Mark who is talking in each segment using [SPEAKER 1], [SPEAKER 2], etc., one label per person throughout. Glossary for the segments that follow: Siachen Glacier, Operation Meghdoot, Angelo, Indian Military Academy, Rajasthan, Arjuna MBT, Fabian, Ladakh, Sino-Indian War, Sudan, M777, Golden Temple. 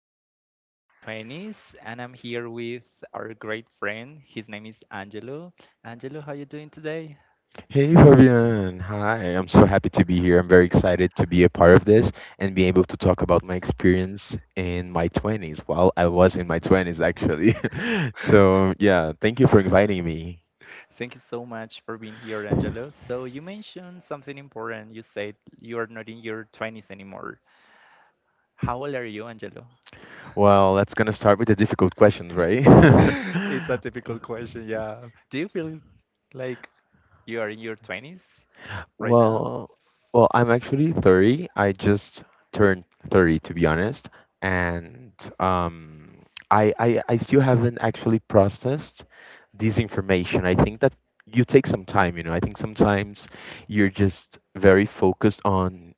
[SPEAKER 1] feel in our 20s, and I'm here with our great friend. His name is Angelo. Angelo, how you doing today?
[SPEAKER 2] Hey Fabian, hi. I'm so happy to be here. I'm very excited to be a part of this and be able to talk about my experience in my 20s. Well, I was in my 20s actually. So, yeah, thank you for inviting me.
[SPEAKER 1] Thank you so much for being here, Angelo. So you mentioned something important. You said you are not in your 20s anymore. How old are you, Angelo?
[SPEAKER 2] Well, that's gonna start with the difficult questions, right?
[SPEAKER 1] It's a difficult question, yeah. Do you feel like you are in your 20s? Right now?
[SPEAKER 2] Well, well, I'm actually 30. I just turned 30, to be honest, and um, I still haven't actually processed this information. I think that you take some time, you know. I think sometimes you're just very focused on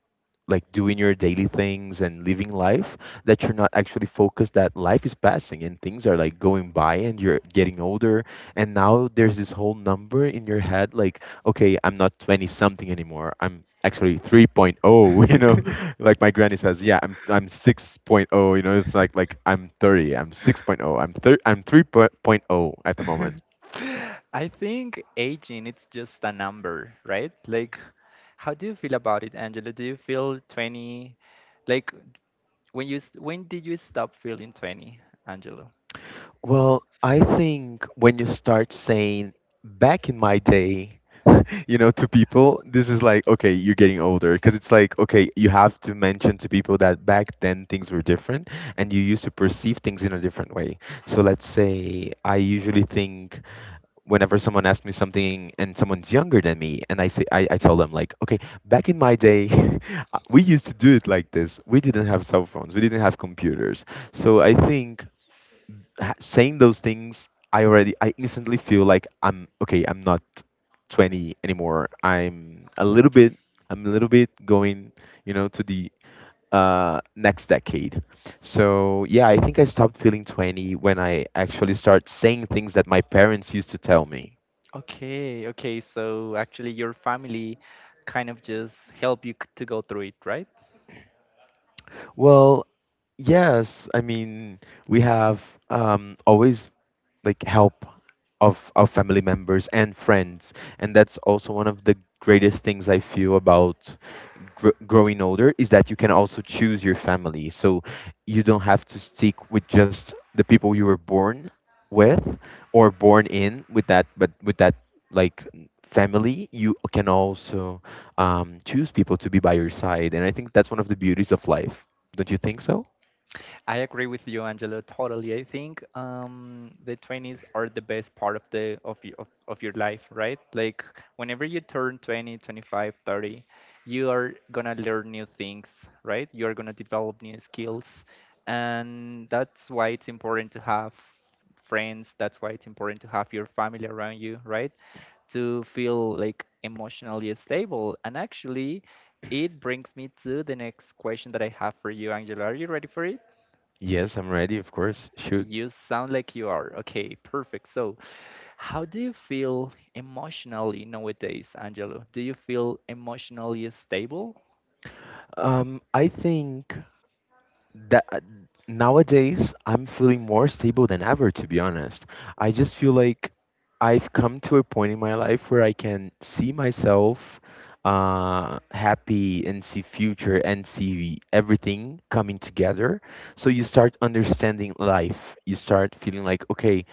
[SPEAKER 2] like doing your daily things and living life that you're not actually focused that life is passing and things are like going by and you're getting older, and now there's this whole number in your head like, okay, I'm not 20 something anymore, I'm actually 3.0. You know, like my granny says, yeah, I'm 6.0. You know, it's like I'm 30, I'm 6.0, I'm 3.0 at the moment.
[SPEAKER 1] I think aging it's just a number, right? Like how do you feel about it, Angela? Do you feel 20? Like when did you stop feeling 20, Angela?
[SPEAKER 2] Well, I think when you start saying, back in my day, you know, to people, this is like, okay, you're getting older. Because it's like, okay, you have to mention to people that back then things were different and you used to perceive things in a different way. So let's say I usually think, whenever someone asks me something and someone's younger than me, and I say, I tell them, like, okay, back in my day, we used to do it like this. We didn't have cell phones, we didn't have computers. So I think saying those things, I already, I instantly feel like, I'm okay. I'm not 20 anymore. I'm a little bit. I'm a little bit going, you know, to the next decade. So yeah, I think I stopped feeling 20 when I actually start saying things that my parents used to tell me.
[SPEAKER 1] Okay, okay. So actually your family kind of just help you to go through it, right?
[SPEAKER 2] Well, yes. I mean, we have always like help of our family members and friends, and that's also one of the greatest things I feel about growing older is that you can also choose your family. So you don't have to stick with just the people you were born with, or born in with that, but with that like family, you can also choose people to be by your side. And I think that's one of the beauties of life. Don't you think so?
[SPEAKER 1] I agree with you, Angelo. Totally. I think the 20s are the best part of of your life, right? Like whenever you turn 20, 25, 30, you are gonna learn new things, right? You are gonna develop new skills, and that's why it's important to have friends. That's why it's important to have your family around you, right? To feel like emotionally stable. And actually, it brings me to the next question that I have for you, Angelo. Are you ready for it?
[SPEAKER 2] Yes, I'm ready, of course. Shoot.
[SPEAKER 1] You sound like you are. Okay, perfect. So, how do you feel emotionally nowadays, Angelo? Do you feel emotionally stable?
[SPEAKER 2] I think that nowadays I'm feeling more stable than ever, to be honest. I just feel like I've come to a point in my life where I can see myself happy, and see future, and see everything coming together. So you start understanding life. You start feeling like, okay,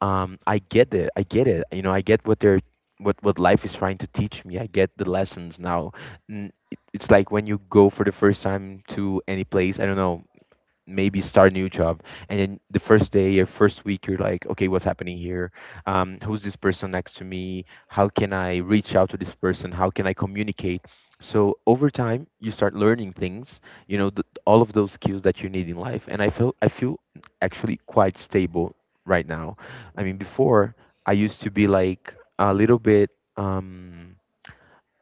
[SPEAKER 2] I get it. I get it. You know, I get what they're what life is trying to teach me. I get the lessons now. It's like when you go for the first time to any place. I don't know, maybe start a new job, and then the first day or first week you're like, okay, what's happening here, who's this person next to me, how can I reach out to this person, how can I communicate. So over time you start learning things, you know, all of those skills that you need in life. And I feel actually quite stable right now. I mean, before I used to be like a little bit um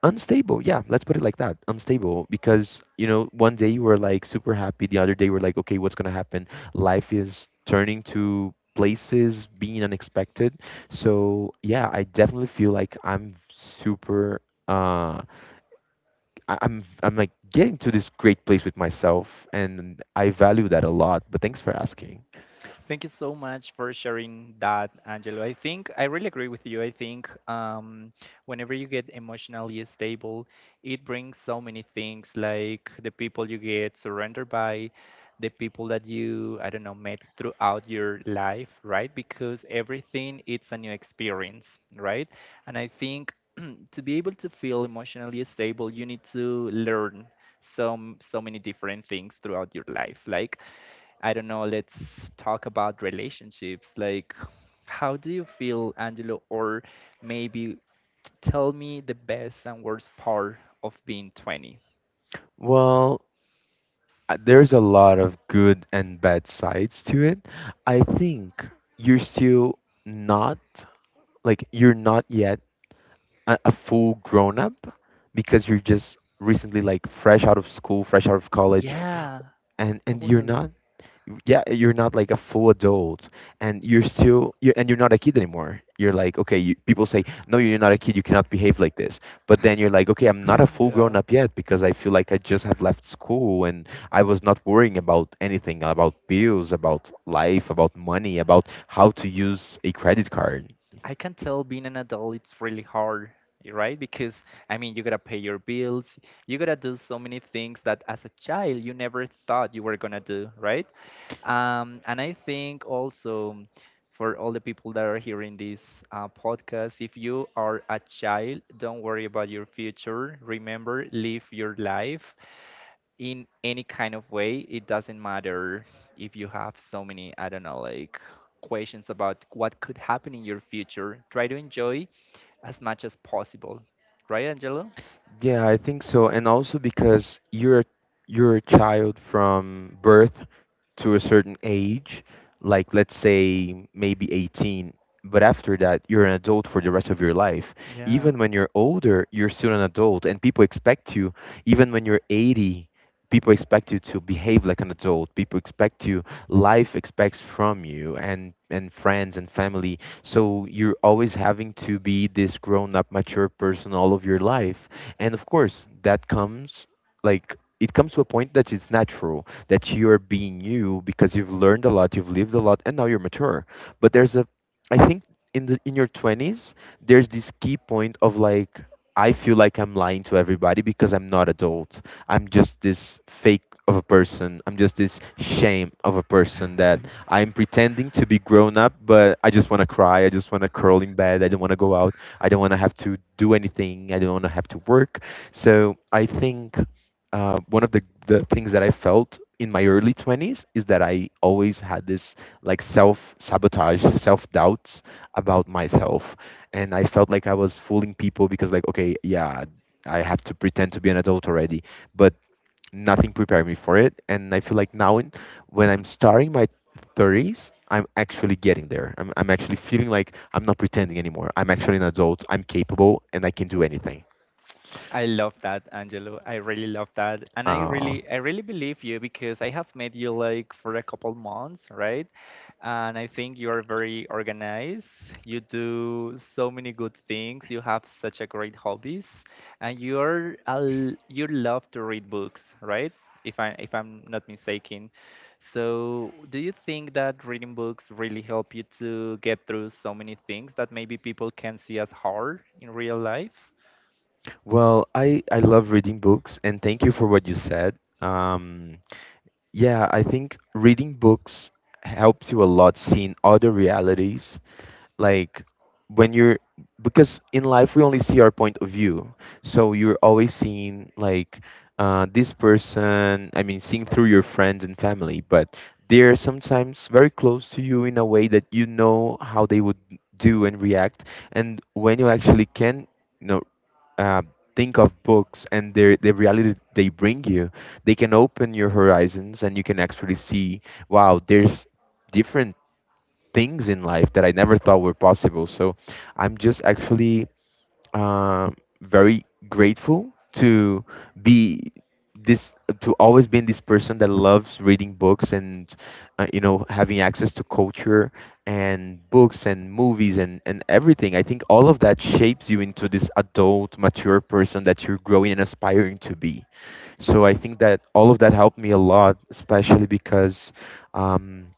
[SPEAKER 2] unstable, yeah, let's put it like that. Unstable, because, you know, one day you were like super happy, the other day we're like, okay, what's gonna happen. Life is turning to places, being unexpected. So yeah, I definitely feel like I'm super uh I'm like getting to this great place with myself, and I value that a lot. But thanks for asking.
[SPEAKER 1] Thank you so much for sharing that, Angelo. I think I really agree with you. I think whenever you get emotionally stable, it brings so many things like the people you get surrendered by, the people that you, I don't know, met throughout your life, right? Because everything it's a new experience, right? And I think to be able to feel emotionally stable you need to learn some so many different things throughout your life like I don't know, let's talk about relationships. Like how do you feel, Angelo, or maybe tell me the best and worst part of being 20?
[SPEAKER 2] Well, there's a lot of good and bad sides to it. I think you're still not, like, you're not yet a full grown up, because you're just recently like fresh out of school, fresh out of college,
[SPEAKER 1] Yeah,
[SPEAKER 2] and you're
[SPEAKER 1] totally.
[SPEAKER 2] not, yeah, you're not like a full adult. And you're not a kid anymore. You're like, okay, you, people say, no, you're not a kid, you cannot behave like this. But then you're like, okay, I'm not a full grown
[SPEAKER 1] yeah,
[SPEAKER 2] up yet, because I feel like I just have left school and I was not worrying about anything, about bills, about life, about money, about how to use a credit card.
[SPEAKER 1] I can tell being an adult it's really hard, right? Because I mean, you gotta pay your bills, you gotta do so many things that as a child you never thought you were gonna do, right? And I think also for all the people that are hearing this podcast, if you are a child, don't worry about your future. Remember, live your life in any kind of way, it doesn't matter. If you have so many, I don't know, like questions about what could happen in your future, try to enjoy as much as possible, right, Angelo?
[SPEAKER 2] Yeah, I think so. And also because you're a child from birth to a certain age, like let's say maybe 18, but after that you're an adult for the rest of your life.
[SPEAKER 1] Yeah.
[SPEAKER 2] Even when you're older, you're still an adult and people expect you, even when you're 80, people expect you to behave like an adult. People expect you, life expects from you, and friends and family. So you're always having to be this grown-up mature person all of your life. And of course that comes, like, it comes to a point that it's natural that you're being you, because you've learned a lot, you've lived a lot, and now you're mature. But there's a, I think, in your 20s, there's this key point of like, I feel like I'm lying to everybody because I'm not adult. I'm just this fake of a person, I'm just this shame of a person that I'm pretending to be grown up, but I just want to cry, I just want to curl in bed, I don't want to go out. I don't want to have to do anything. I don't want to have to work. So I think one of the things that I felt in my early 20s is that I always had this like self sabotage, self doubts about myself. And I felt like I was fooling people because, like, okay, yeah, I have to pretend to be an adult already. But nothing prepared me for it. And I feel like now, when I'm starting my 30s, I'm actually getting there. I'm actually feeling like I'm not pretending anymore. I'm actually an adult. I'm capable and I can do anything.
[SPEAKER 1] I love that, Angelo. I really love that. And I
[SPEAKER 2] Uh,
[SPEAKER 1] really I really believe you because I have met you like for a couple months, right? And I think you are very organized. You do so many good things. You have such a great hobbies, and you're a l you love to read books, right? If I'm not mistaken. So, do you think that reading books really help you to get through so many things that maybe people can see as hard in real life?
[SPEAKER 2] well, I love reading books, and thank you for what you said. Um, yeah, I think reading books helps you a lot, seeing other realities, like when you're, because in life we only see our point of view. So you're always seeing like, this person, I mean seeing through your friends and family, but they're sometimes very close to you in a way that you know how they would do and react. And when you actually can, you know, uh, think of books and the reality they bring you, they can open your horizons and you can actually see, wow, there's different things in life that I never thought were possible. So I'm just actually uh, very grateful to be this to always being this person that loves reading books, and you know, having access to culture and books and movies and everything. I think all of that shapes you into this adult mature person that you're growing and aspiring to be. So I think that all of that helped me a lot, especially because um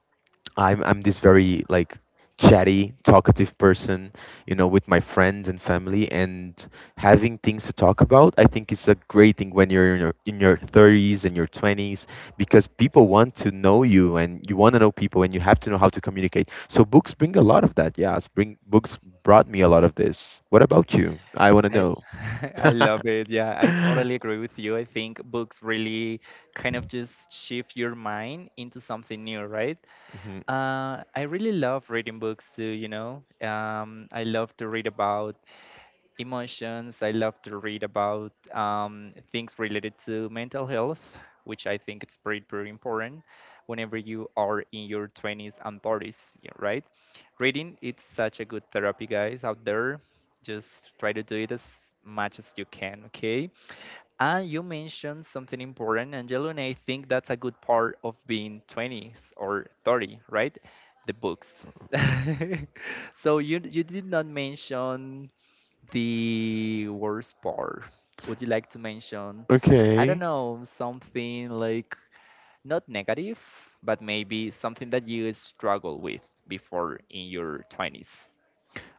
[SPEAKER 2] I'm this very like chatty, talkative person, you know, with my friends and family, and having things to talk about. I think it's a great thing when you're in your 30s and your 20s, because people want to know you and you want to know people and you have to know how to communicate. So books bring a lot of that. Yes, bring books brought me a lot of this. What about you? I want to
[SPEAKER 1] I
[SPEAKER 2] know.
[SPEAKER 1] I love it. Yeah, I totally agree with you. I think books really kind of just shift your mind into something new, right?
[SPEAKER 2] Mhm.
[SPEAKER 1] I really love reading books too, you know. I love to read about emotions. I love to read about things related to mental health, which I think it's pretty, pretty important whenever you are in your 20s and 30s, yeah, right? Reading, it's such a good therapy, guys, out there. Just try to do it as much as you can, okay? And you mentioned something important, Angelo, and I think that's a good part of being 20s or 30, right? The books. so you did not mention the worst part. Would you like to mention, I don't
[SPEAKER 2] Okay.
[SPEAKER 1] know, something like not negative, but maybe something that you struggle with before in your 20s?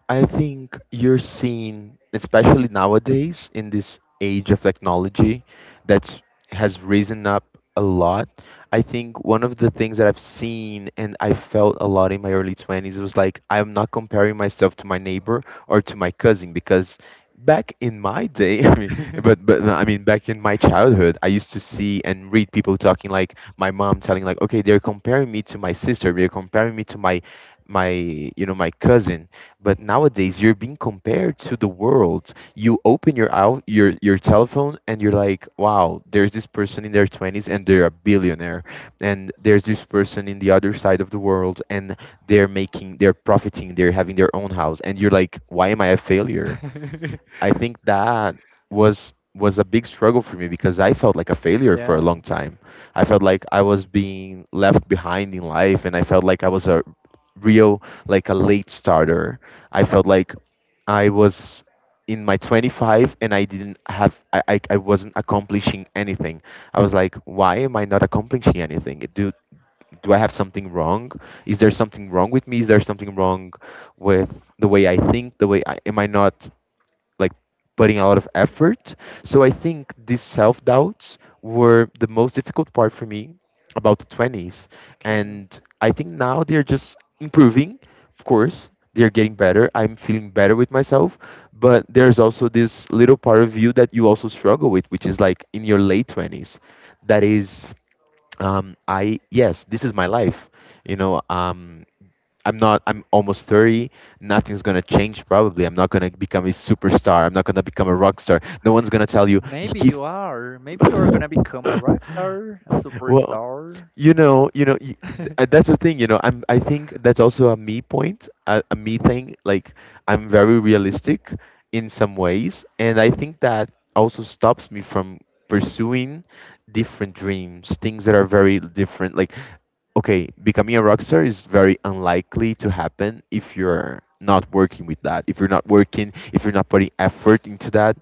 [SPEAKER 2] I think you're seeing, especially nowadays in this age of technology that's has risen up a lot. I think one of the things that I've seen and I felt a lot in my early 20s was like I'm not comparing myself to my neighbor or to my cousin, because back in my day, I mean, but but I mean, back in my childhood, I used to see and read people talking, like my mom telling, like, okay, they're comparing me to my sister, they're comparing me to my my you know, my cousin. But nowadays, you're being compared to the world. You open your out your telephone, and you're like, "Wow, there's this person in their 20s, and they're a billionaire, and there's this person in the other side of the world, and they're profiting, they're having their own house." And you're like, "Why am I a failure?" I think that was a big struggle for me, because I felt like a failure for a
[SPEAKER 1] yeah,
[SPEAKER 2] long time. I felt like I was being left behind in life, and I felt like I was a real, like a late starter. I felt like I was in my 25 and I didn't have I wasn't accomplishing anything. I was like, why am I not accomplishing anything? Do I have something wrong? Is there something wrong with me? Is there something wrong with the way I think? The way I am I not like putting a lot of effort. So I think these self doubts were the most difficult part for me about the 20s.
[SPEAKER 1] okay.
[SPEAKER 2] And I think now they're just improving, of course. They're getting better. I'm feeling better with myself. But there's also this little part of you that you also struggle with, which is like in your late 20s. That is, I, yes, this is my life. You know, um, I'm not. I'm almost 30. Nothing's gonna change. Probably. I'm not gonna become a superstar. I'm not gonna become a rock star. No one's gonna tell you. You
[SPEAKER 1] Maybe
[SPEAKER 2] keep.
[SPEAKER 1] you are. Maybe you are gonna become a rock star, a
[SPEAKER 2] Well,
[SPEAKER 1] superstar.
[SPEAKER 2] you know, you know. y- That's the thing. You know. I'm. I think that's also a me point. A me thing. Like I'm very realistic in some ways, and I think that also stops me from pursuing different dreams, things that are very different. Like okay, becoming a rock star is very unlikely to happen if you're not working with that, if you're not working, if you're not putting effort into that,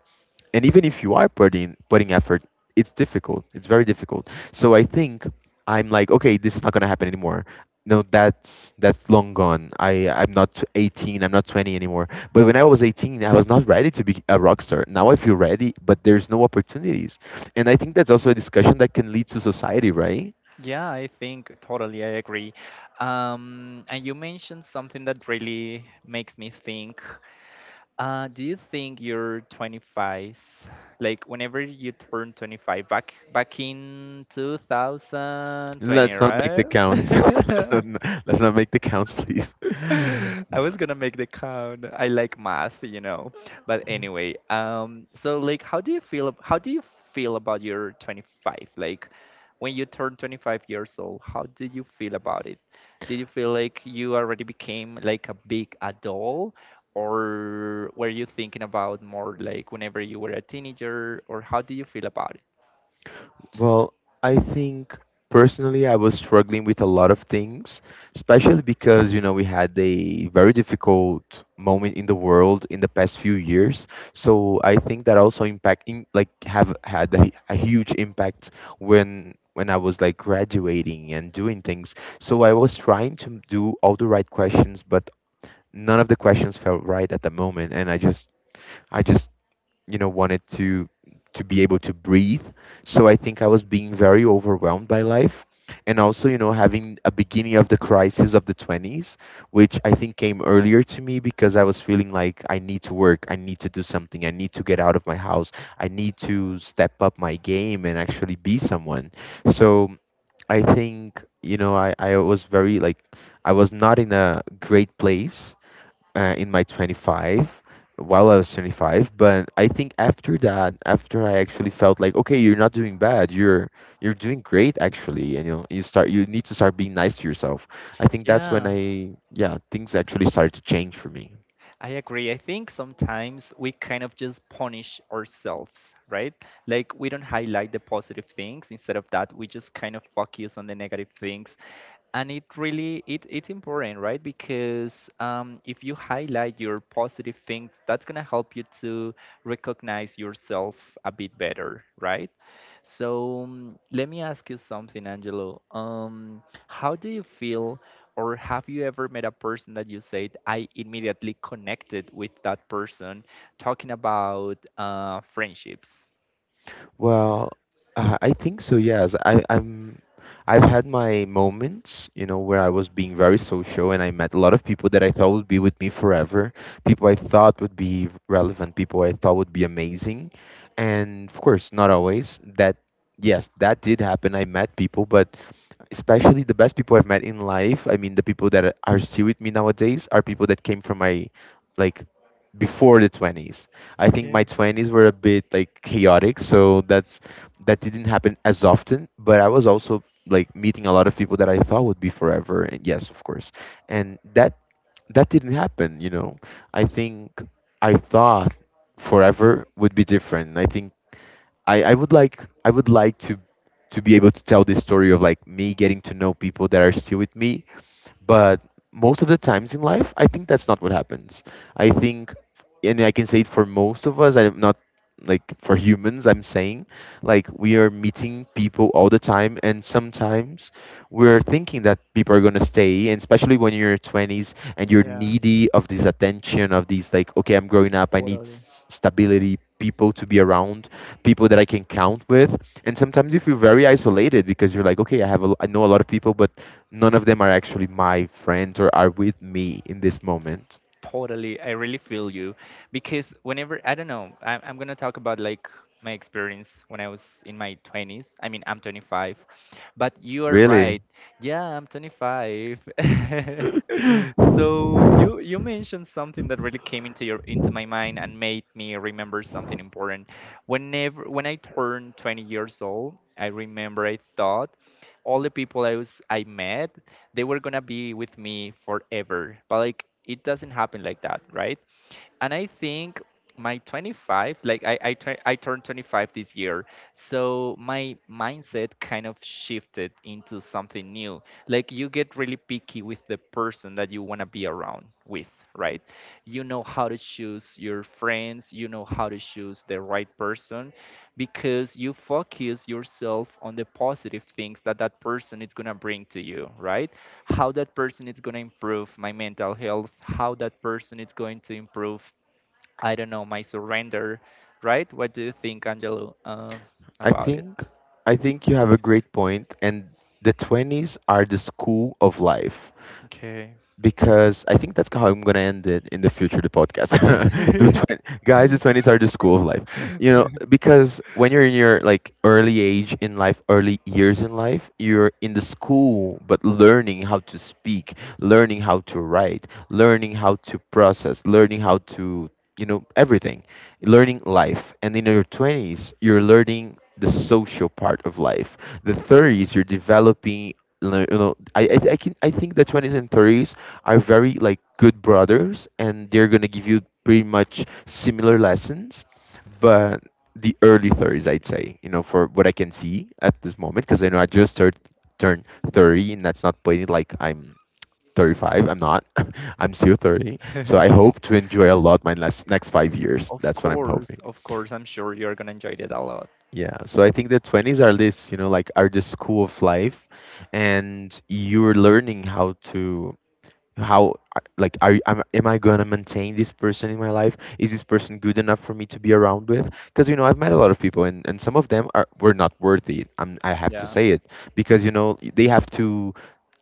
[SPEAKER 2] and even if you are putting effort, it's difficult. It's very difficult. So I think I'm like, okay, this is not gonna happen anymore. No, that's long gone. I'm not t- 18. I'm not 20 anymore. But when I was 18, I was not ready to be a rock star. Now I feel ready, but there's no opportunities. And I think that's also a discussion that can lead to society, right?
[SPEAKER 1] Yeah, I think totally I agree. And you mentioned something that really makes me think. Do you think your 25? Like whenever you turn 25, back in 2020,
[SPEAKER 2] Let's not make
[SPEAKER 1] right?
[SPEAKER 2] the count. Let's not make the counts, please.
[SPEAKER 1] I was gonna make the count. I like math, you know. But anyway, so like, how do you feel? How do you feel about your 25? Like, when you turn 25 years old, how did you feel about it? Did you feel like you already became like a big adult, or were you thinking about more like whenever you were a teenager, or how do you feel about it?
[SPEAKER 2] Well, I think personally, I was struggling with a lot of things, especially because, you know, we had a very difficult moment in the world in the past few years. So I think that also impact, in, like, have had a huge impact when I was like graduating and doing things. So I was trying to do all the right questions, but none of the questions felt right at the moment, and I just you know wanted to be able to breathe. So I think I was being very overwhelmed by life, and also, you know, having a beginning of the crisis of the 20s, which I think came earlier to me because I was feeling like I need to work, I need to do something, I need to get out of my house, I need to step up my game and actually be someone. So I think, I was very like I was not in a great place in my 25 while I was 25. But I think after that, after I actually felt like okay, you're not doing bad, you're doing great actually, and you know, you start, you need to start being nice to yourself. I think that's when
[SPEAKER 1] Yeah.
[SPEAKER 2] I, yeah, things actually started to change for me.
[SPEAKER 1] I agree. I think sometimes we kind of just punish ourselves, right? Like we don't highlight the positive things. Instead of that, we just kind of focus on the negative things and it really it's important, right? Because if you highlight your positive things that's going to help you to recognize yourself a bit better, right? So let me ask you something, Angelo. How do you feel or have you ever met a person that you said I immediately connected with that person, talking about friendships?
[SPEAKER 2] Well, I think so, yes. I I've had my moments, you know, where I was being very social and I met a lot of people that I thought would be with me forever, people I thought would be relevant, people I thought would be amazing. And of course, not always. That, yes, that did happen. I met people, but especially the best people I've met in life, I mean, the people that are still with me nowadays are people that came from my like before the 20s. I think my
[SPEAKER 1] Okay.
[SPEAKER 2] 20s were a bit like chaotic, so that's that didn't happen as often, but I was also like meeting a lot of people that I thought would be forever and yes, of course. And that didn't happen, you know. I think I thought forever would be different. I think I would like I would like to be able to tell this story of like me getting to know people that are still with me, but most of the times in life, I think that's not what happens. I think, and I can say it for most of us, I'm not like for humans, I'm saying, like we are meeting people all the time, and sometimes we're thinking that people are gonna stay, and especially when you're 20s and you're
[SPEAKER 1] Yeah,
[SPEAKER 2] needy of this attention, of these like, okay, I'm growing up, I need
[SPEAKER 1] totally.
[SPEAKER 2] s- stability, people to be around, people that I can count with, and sometimes you feel very isolated because you're like, okay, I have, a, I know a lot of people, but none of them are actually my friends or are with me in this moment.
[SPEAKER 1] Totally, I really feel you because whenever I don't know I'm gonna talk about like my experience when I was in my 20s. I mean, I'm 25, but you are right.
[SPEAKER 2] Really?
[SPEAKER 1] Yeah, I'm 25. so you mentioned something that really came into my mind and made me remember something important. Whenever when I turned 20 years old I remember I thought all the people I met they were gonna be with me forever. But like it doesn't happen like that, right? And I think my 25, like I turned 25 this year, so my mindset kind of shifted into something new. Like you get really picky with the person that you want to be around with, right? You know how to choose your friends, you know how to choose the right person, because you focus yourself on the positive things that that person is going to bring to you, right? How that person is going to improve my mental health, how that person is going to improve, I don't know, my surrender, right? What do you think, Angelo,
[SPEAKER 2] I
[SPEAKER 1] about it?
[SPEAKER 2] think you have a great point and the 20s are the school of life,
[SPEAKER 1] Okay.
[SPEAKER 2] because I think that's how I'm gonna end it in the future. The podcast, the twen- guys, 20s are the school of life. You know, because when you're in your like early age in life, early years in life, you're in the school, but learning how to speak, learning how to write, learning how to process, learning how to you know everything, learning life. And in your twenties, you're learning the social part of life. 30s, you're developing lear- you know I can I think the 20s and 30s are very like good brothers and they're gonna give you pretty much similar lessons, but the early 30s, I'd say, you know, for what I can see at this moment, because I know I just turned 30, and that's not putting it like I'm 35. I'm not. I'm still 30. So I hope to enjoy a lot my last, next 5 years. That's what I'm hoping.
[SPEAKER 1] Of course, I'm sure you're going to enjoy it a lot.
[SPEAKER 2] Yeah. So I think the 20s are this, you know, like are the school of life, and you're learning how to how I- like are am I gonna maintain this person in my life? Is this person good enough for me to be around with? Because you know I've met a lot of people, and some of them are were not worthy. I have to
[SPEAKER 1] Yeah.
[SPEAKER 2] say it because you know they have to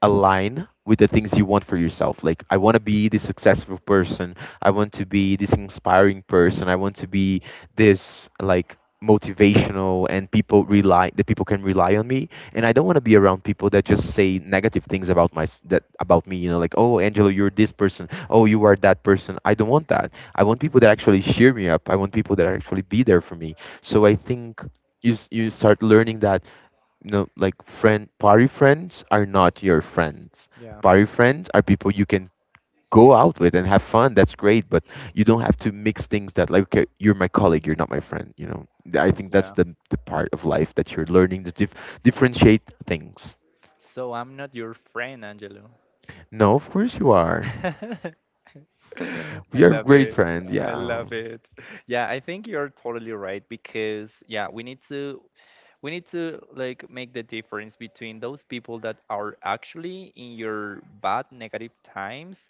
[SPEAKER 2] align with the things you want for yourself. Like I want to be this successful person. I want to be this inspiring person. I want to be this like motivational and people rely that people can rely on me, and I don't want to be around people that just say negative things about my that about me. You know, like, oh, Angelo, you're this person. Oh, you are that person. I don't want that. I want people that actually cheer me up. I want people that actually be there for me. So I think you start learning that, you know, like friend party friends are not your friends.
[SPEAKER 1] Yeah,
[SPEAKER 2] Party friends are people you can go out with and have fun. That's great, but you don't have to mix things that like okay, you're my colleague, you're not my friend. You know, Th- I think that's
[SPEAKER 1] yeah.
[SPEAKER 2] the part of life that you're learning to dif- differentiate things.
[SPEAKER 1] So I'm not your friend, Angelo.
[SPEAKER 2] No, of course you are.
[SPEAKER 1] I
[SPEAKER 2] You're a
[SPEAKER 1] love
[SPEAKER 2] great
[SPEAKER 1] it.
[SPEAKER 2] friend.
[SPEAKER 1] I
[SPEAKER 2] Yeah.
[SPEAKER 1] love it. Yeah, I think you're totally right because, yeah, we need to like make the difference between those people that are actually in your bad negative times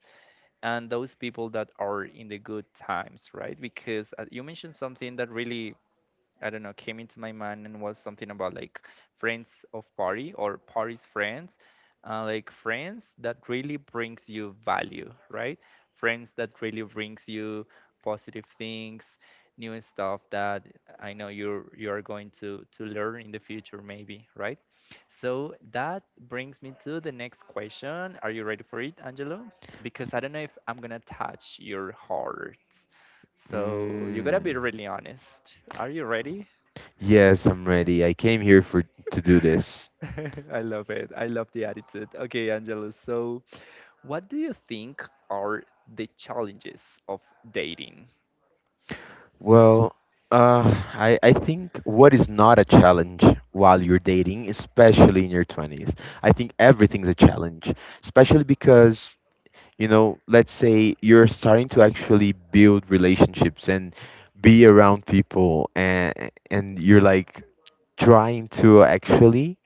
[SPEAKER 1] and those people that are in the good times, right? Because you mentioned something that really I don't know, came into my mind and was something about like friends of party or party's friends, like friends that really brings you value, right? Friends that really brings you positive things, new stuff that I know you're going to learn in the future, maybe, right? So that brings me to the next question. Are you ready for it, Angelo? Because I don't know if I'm gonna touch your heart. So you gotta be
[SPEAKER 2] Mm.
[SPEAKER 1] really honest. Are you ready?
[SPEAKER 2] Yes, I'm ready. I came here for to do this.
[SPEAKER 1] I love it. I love the attitude. Okay, Angelo. So, what do you think are the challenges of dating?
[SPEAKER 2] Well, I think what is not a challenge while you're dating, especially in your 20s, I think everything's a challenge, especially because, you know, let's say you're starting to actually build relationships and be around people, and you're like trying to actually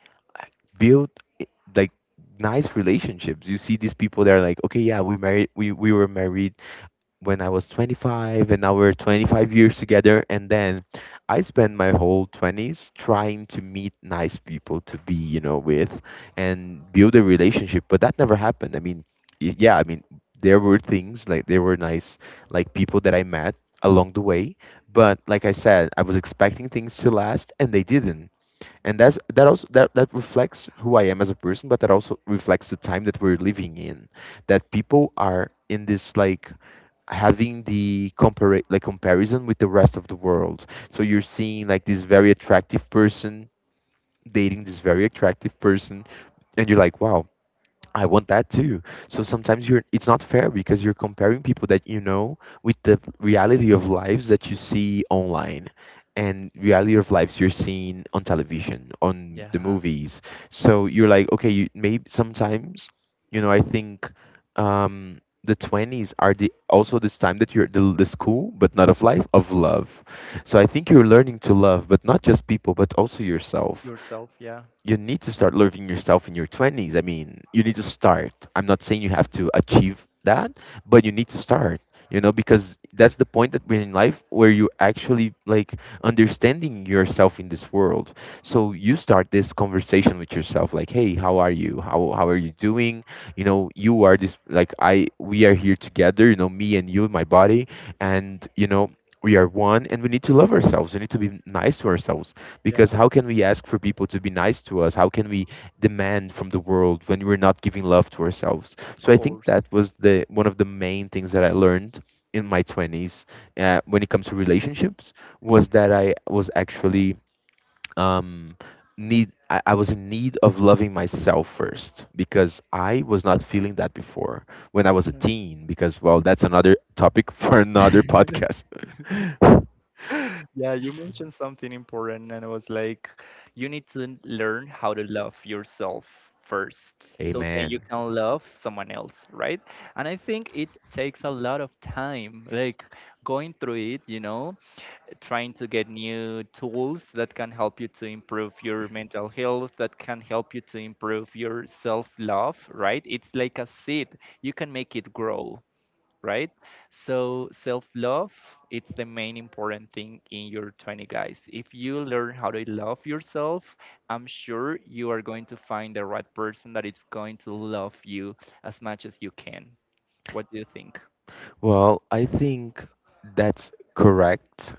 [SPEAKER 2] build I- like nice relationships. You see these people that are like, okay, yeah, we married, we were married when I was 25 and now we're 25 years together. And then I spent my whole 20s trying to meet nice people to be, you know, with and build a relationship. But that never happened. I mean, y- yeah, I mean, there were things like there were nice, like people that I met along the way. But like I said, I was expecting things to last and they didn't. And that's that also that reflects who I am as a person, but that also reflects the time that we're living in. That people are in this like having the compare like comparison with the rest of the world. So you're seeing like this very attractive person dating this very attractive person, and you're like, wow, I want that too. So sometimes you're it's not fair because you're comparing people that you know with the reality of lives that you see online and reality of lives you're seeing on television, on the
[SPEAKER 1] Yeah,
[SPEAKER 2] movies. So you're like, okay, you maybe sometimes, you know, I think um the 20s are the also this time that you're the school but not of life of love, so I think you're learning to love but not just people but also yourself.
[SPEAKER 1] yourself. Yeah,
[SPEAKER 2] You need to start loving yourself in your 20s. I mean, you need to start. I'm not saying you have to achieve that, but you need to start, you know, because that's the point that we're in life where you actually like understanding yourself in this world. So you start this conversation with yourself like, "Hey, how are you? How are you doing? You know, you are this like I we are here together, you know, me and you, my body, and you know, we are one and we need to love ourselves. We need to be nice to ourselves
[SPEAKER 1] yeah,
[SPEAKER 2] because how can we ask for people to be nice to us? How can we demand from the world when we're not giving love to ourselves?"
[SPEAKER 1] of
[SPEAKER 2] So I think
[SPEAKER 1] course.
[SPEAKER 2] that was the one of the main things that I learned in my 20s when it comes to relationships, was that I was actually, um, need I was in need of loving myself first because I was not feeling that before when I was a teen, because well, that's another topic for another
[SPEAKER 1] Yeah.
[SPEAKER 2] podcast.
[SPEAKER 1] Yeah, you mentioned something important, and it was like you need to learn how to love yourself first, so then you
[SPEAKER 2] Amen.
[SPEAKER 1] can love someone else, right? And I think it takes a lot of time, like going through it, you know, trying to get new tools that can help you to improve your mental health, that can help you to improve your self love, right? It's like a seed, you can make it grow, right? So self-love, it's the main important thing in your 20, guys. If you learn how to love yourself, I'm sure you are going to find the right person that is going to love you as much as you can. What do you think?
[SPEAKER 2] Well, I think that's correct.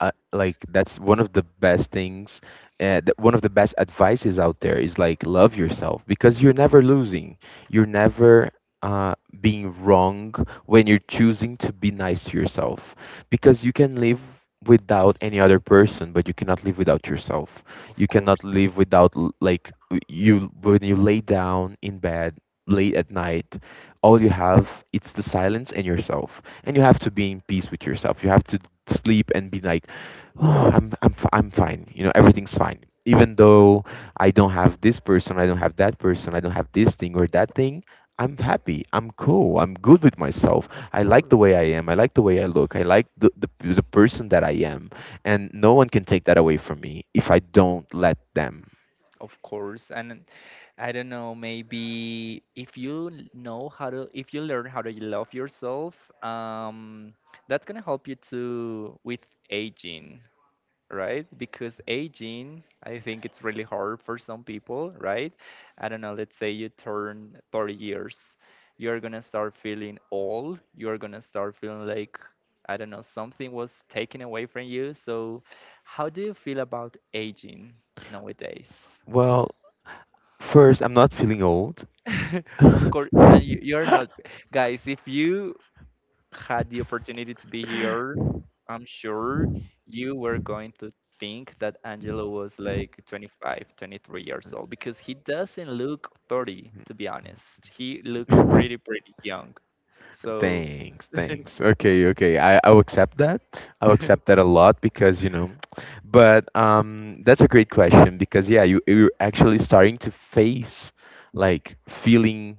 [SPEAKER 2] Like that's one of the best things, that one of the best advices out there, is like love yourself, because you're never losing, you're never uh, being wrong when you're choosing to be nice to yourself, because you can live without any other person but you cannot live without yourself.
[SPEAKER 1] Of
[SPEAKER 2] You cannot
[SPEAKER 1] course.
[SPEAKER 2] live without you, when you lay down in bed late at night, all you have it's the silence and yourself, and you have to be in peace with yourself. You have to sleep and be like, I'm fine. You know, everything's fine. Even though I don't have this person, I don't have that person, I don't have this thing or that thing, I'm happy. I'm cool. I'm good with myself.
[SPEAKER 1] Of
[SPEAKER 2] I like the
[SPEAKER 1] course.
[SPEAKER 2] way I am. I like the way I look. I like the person that I am, and no one can take that away from me if I don't let them.
[SPEAKER 1] Of course, and I don't know, maybe if you l- know how to, if you learn how to love yourself, that's gonna help you to with aging, right? Because aging, I think it's really hard for some people, right? I don't know, let's say you turn 30 years, you're gonna start feeling old, you're gonna start feeling like, I don't know, something was taken away from you. So, how do you feel about aging nowadays?
[SPEAKER 2] Well, first, I'm not feeling old.
[SPEAKER 1] Of course, and you're not, guys. If you had the opportunity to be here, I'm sure you were going to think that Angelo was like 25, 23 years old because he doesn't look 30, to be honest. He looks pretty, pretty young. So
[SPEAKER 2] Thanks, thanks. Okay, okay. I'll accept that. I'll accept that a lot because, you know, but that's a great question, because yeah, you're actually starting to face like feeling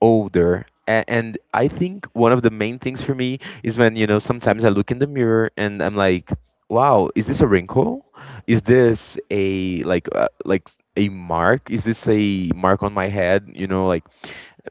[SPEAKER 2] older. And I think one of the main things for me is when, you know, sometimes I look in the mirror and I'm like, wow, is this a wrinkle? Is this a like a mark? Is this a mark on my head? You know, like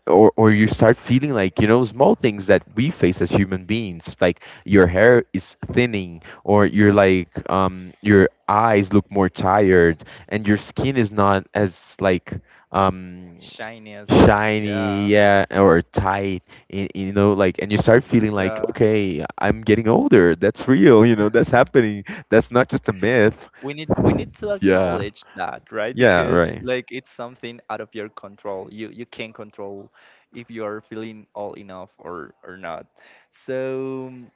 [SPEAKER 2] or you start feeling like, you know, small things that we face as human beings, like your hair is thinning or you're like, your eyes look more tired and your skin is not as like, um
[SPEAKER 1] shyness,
[SPEAKER 2] shiny,
[SPEAKER 1] yeah,
[SPEAKER 2] yeah, or tight. You know, like, and you start feeling like,
[SPEAKER 1] yeah.
[SPEAKER 2] okay, I'm getting older. That's real, you know. That's happening. That's not just a myth.
[SPEAKER 1] We need to
[SPEAKER 2] Yeah,
[SPEAKER 1] acknowledge that, right?
[SPEAKER 2] yeah,
[SPEAKER 1] Because
[SPEAKER 2] right.
[SPEAKER 1] like it's something out of your control, you can't control if you are feeling all enough or not. So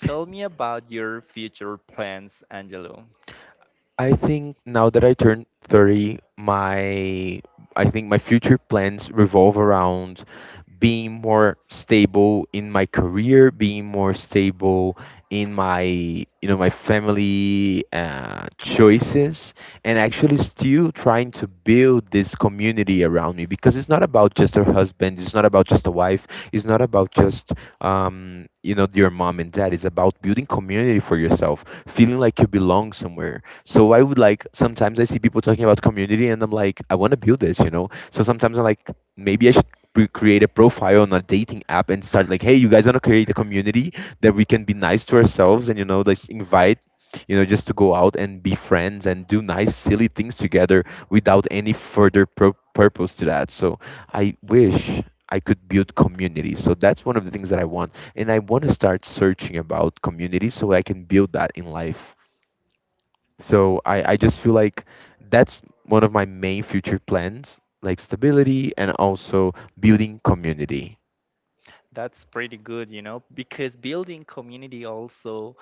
[SPEAKER 1] tell me about your future plans, Angelo.
[SPEAKER 2] I think now that I turn 30, my I think my future plans revolve around being more stable in my career, being more stable in my, you know, my family choices, and actually still trying to build this community around me, because it's not about just a husband, it's not about just a wife, it's not about just, you know, your mom and dad. It's about building community for yourself, feeling like you belong somewhere. So I would like, sometimes I see people talking about community and I'm like, I want to build this, you know. So sometimes I'm like, maybe I should we create a profile on a dating app and start like, hey, you guys want to create a community that we can be nice to ourselves, and you know, let's invite, you know, just to go out and be friends and do nice silly things together without any further purpose to that. So I wish I could build community, so that's one of the things that I want, and I want to start searching about community so I can build that in life. So I just feel like that's one of my main future plans, like stability and also building community.
[SPEAKER 1] That's pretty good, you know, because building community also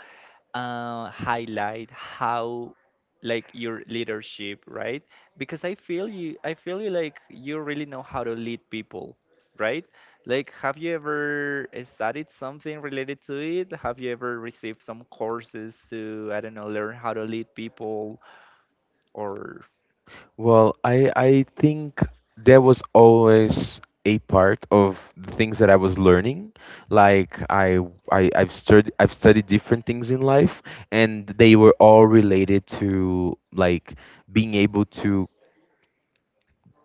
[SPEAKER 1] highlight how like your leadership, right? Because I feel you like you really know how to lead people, right? Like have you ever studied something related to it? Have you ever received some courses to I don't know learn how to lead people, or?
[SPEAKER 2] Well, I think there was always a part of the things that I was learning. Like I've studied I've studied different things in life, and they were all related to like being able to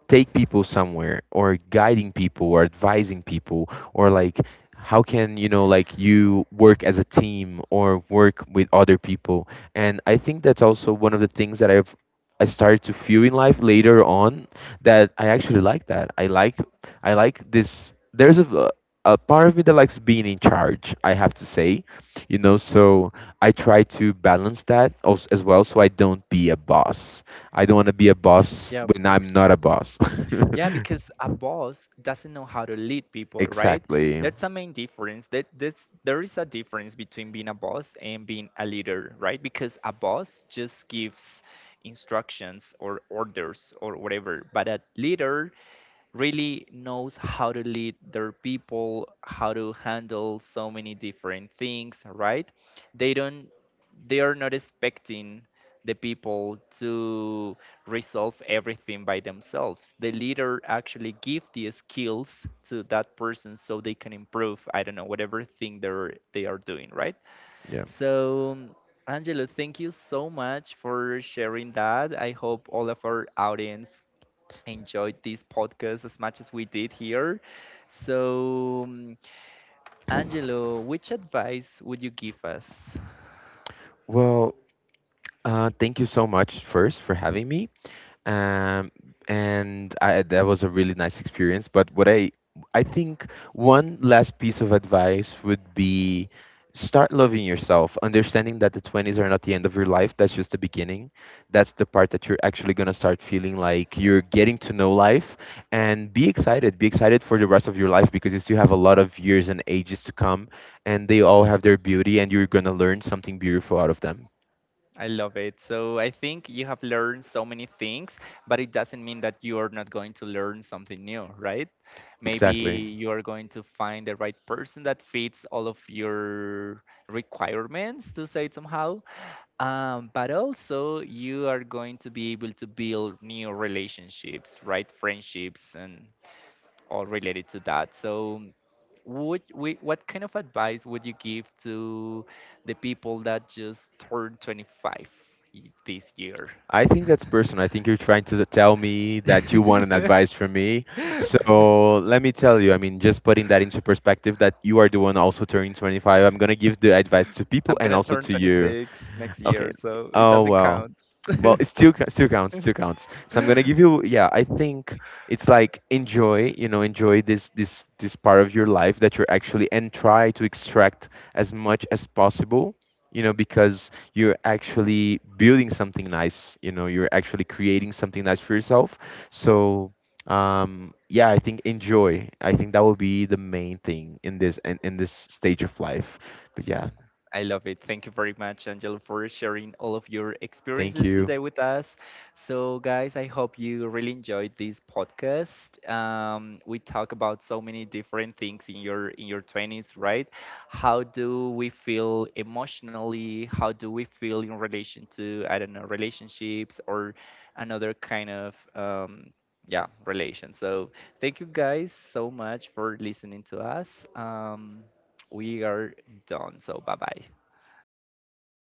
[SPEAKER 2] take people somewhere, or guiding people, or advising people, or like, how can, you know, like you work as a team or work with other people. And I think that's also one of the things that I started to feel in life later on, that I actually like, that I like, I like this. There's a part of me that likes being in charge, I have to say, you know. So I try to balance that as well, so I don't be a boss. I don't want to be a boss
[SPEAKER 1] Yeah, of
[SPEAKER 2] when I'm
[SPEAKER 1] course.
[SPEAKER 2] not a boss.
[SPEAKER 1] Yeah, because a boss doesn't know how to lead people, right?
[SPEAKER 2] Exactly.
[SPEAKER 1] That's a main difference. There is a difference between being a boss and being a leader, right? Because a boss just gives instructions or orders or whatever, but a leader really knows how to lead their people, how to handle so many different things, right? They don't they are not expecting the people to resolve everything by themselves. The leader actually give the skills to that person so they can improve, I don't know, whatever thing they are doing, right?
[SPEAKER 2] Yeah.
[SPEAKER 1] So Angelo, thank you so much for sharing that. I hope all of our audience enjoyed this podcast as much as we did here. So, Angelo, which advice would you give us?
[SPEAKER 2] Well, thank you so much first for having me. um, and I, that was a really nice experience. But what I think one last piece of advice would be, start loving yourself, understanding that the 20s are not the end of your life. That's just the beginning. That's the part that you're actually going to start feeling like you're getting to know life, and be excited. Be excited for the rest of your life because you still have a lot of years and ages to come, and they all have their beauty and you're going to learn something beautiful out of them.
[SPEAKER 1] I love it. So I think you have learned so many things, but it doesn't mean that you are not going to learn something new, right? Maybe
[SPEAKER 2] Exactly.
[SPEAKER 1] you are going to find the right person that fits all of your requirements, to say it somehow. But also, you are going to be able to build new relationships, right? Friendships and all related to that. So, what kind of advice would you give to the people that just turned 25 this year?
[SPEAKER 2] I think that's personal. I think you're trying to tell me that you want an advice from me. So let me tell you, I mean, just putting that into perspective, that you are the one also turning 25, I'm going to give the advice to people
[SPEAKER 1] I'm
[SPEAKER 2] and
[SPEAKER 1] gonna
[SPEAKER 2] also
[SPEAKER 1] turn
[SPEAKER 2] to you.
[SPEAKER 1] 26 next
[SPEAKER 2] Okay.
[SPEAKER 1] year, so it
[SPEAKER 2] Oh,
[SPEAKER 1] doesn't
[SPEAKER 2] well.
[SPEAKER 1] count.
[SPEAKER 2] Well, it still still counts, still counts. So I'm gonna give you, yeah, I think it's like enjoy, you know, enjoy this part of your life that you're actually, and try to extract as much as possible, you know, because you're actually building something nice, you know, you're actually creating something nice for yourself. So yeah, I think enjoy. I think that will be the main thing in in this stage of life. But yeah,
[SPEAKER 1] I love it. Thank you very much, Angel, for sharing all of your
[SPEAKER 2] thank
[SPEAKER 1] experiences
[SPEAKER 2] you.
[SPEAKER 1] today with us. So, guys, I hope you really enjoyed this podcast. We talk about so many different things in your twenties, right? How do we feel emotionally? How do we feel in relation to I don't know relationships or another kind of yeah relation. So, thank you guys so much for listening to us. Um, we are done. So bye bye.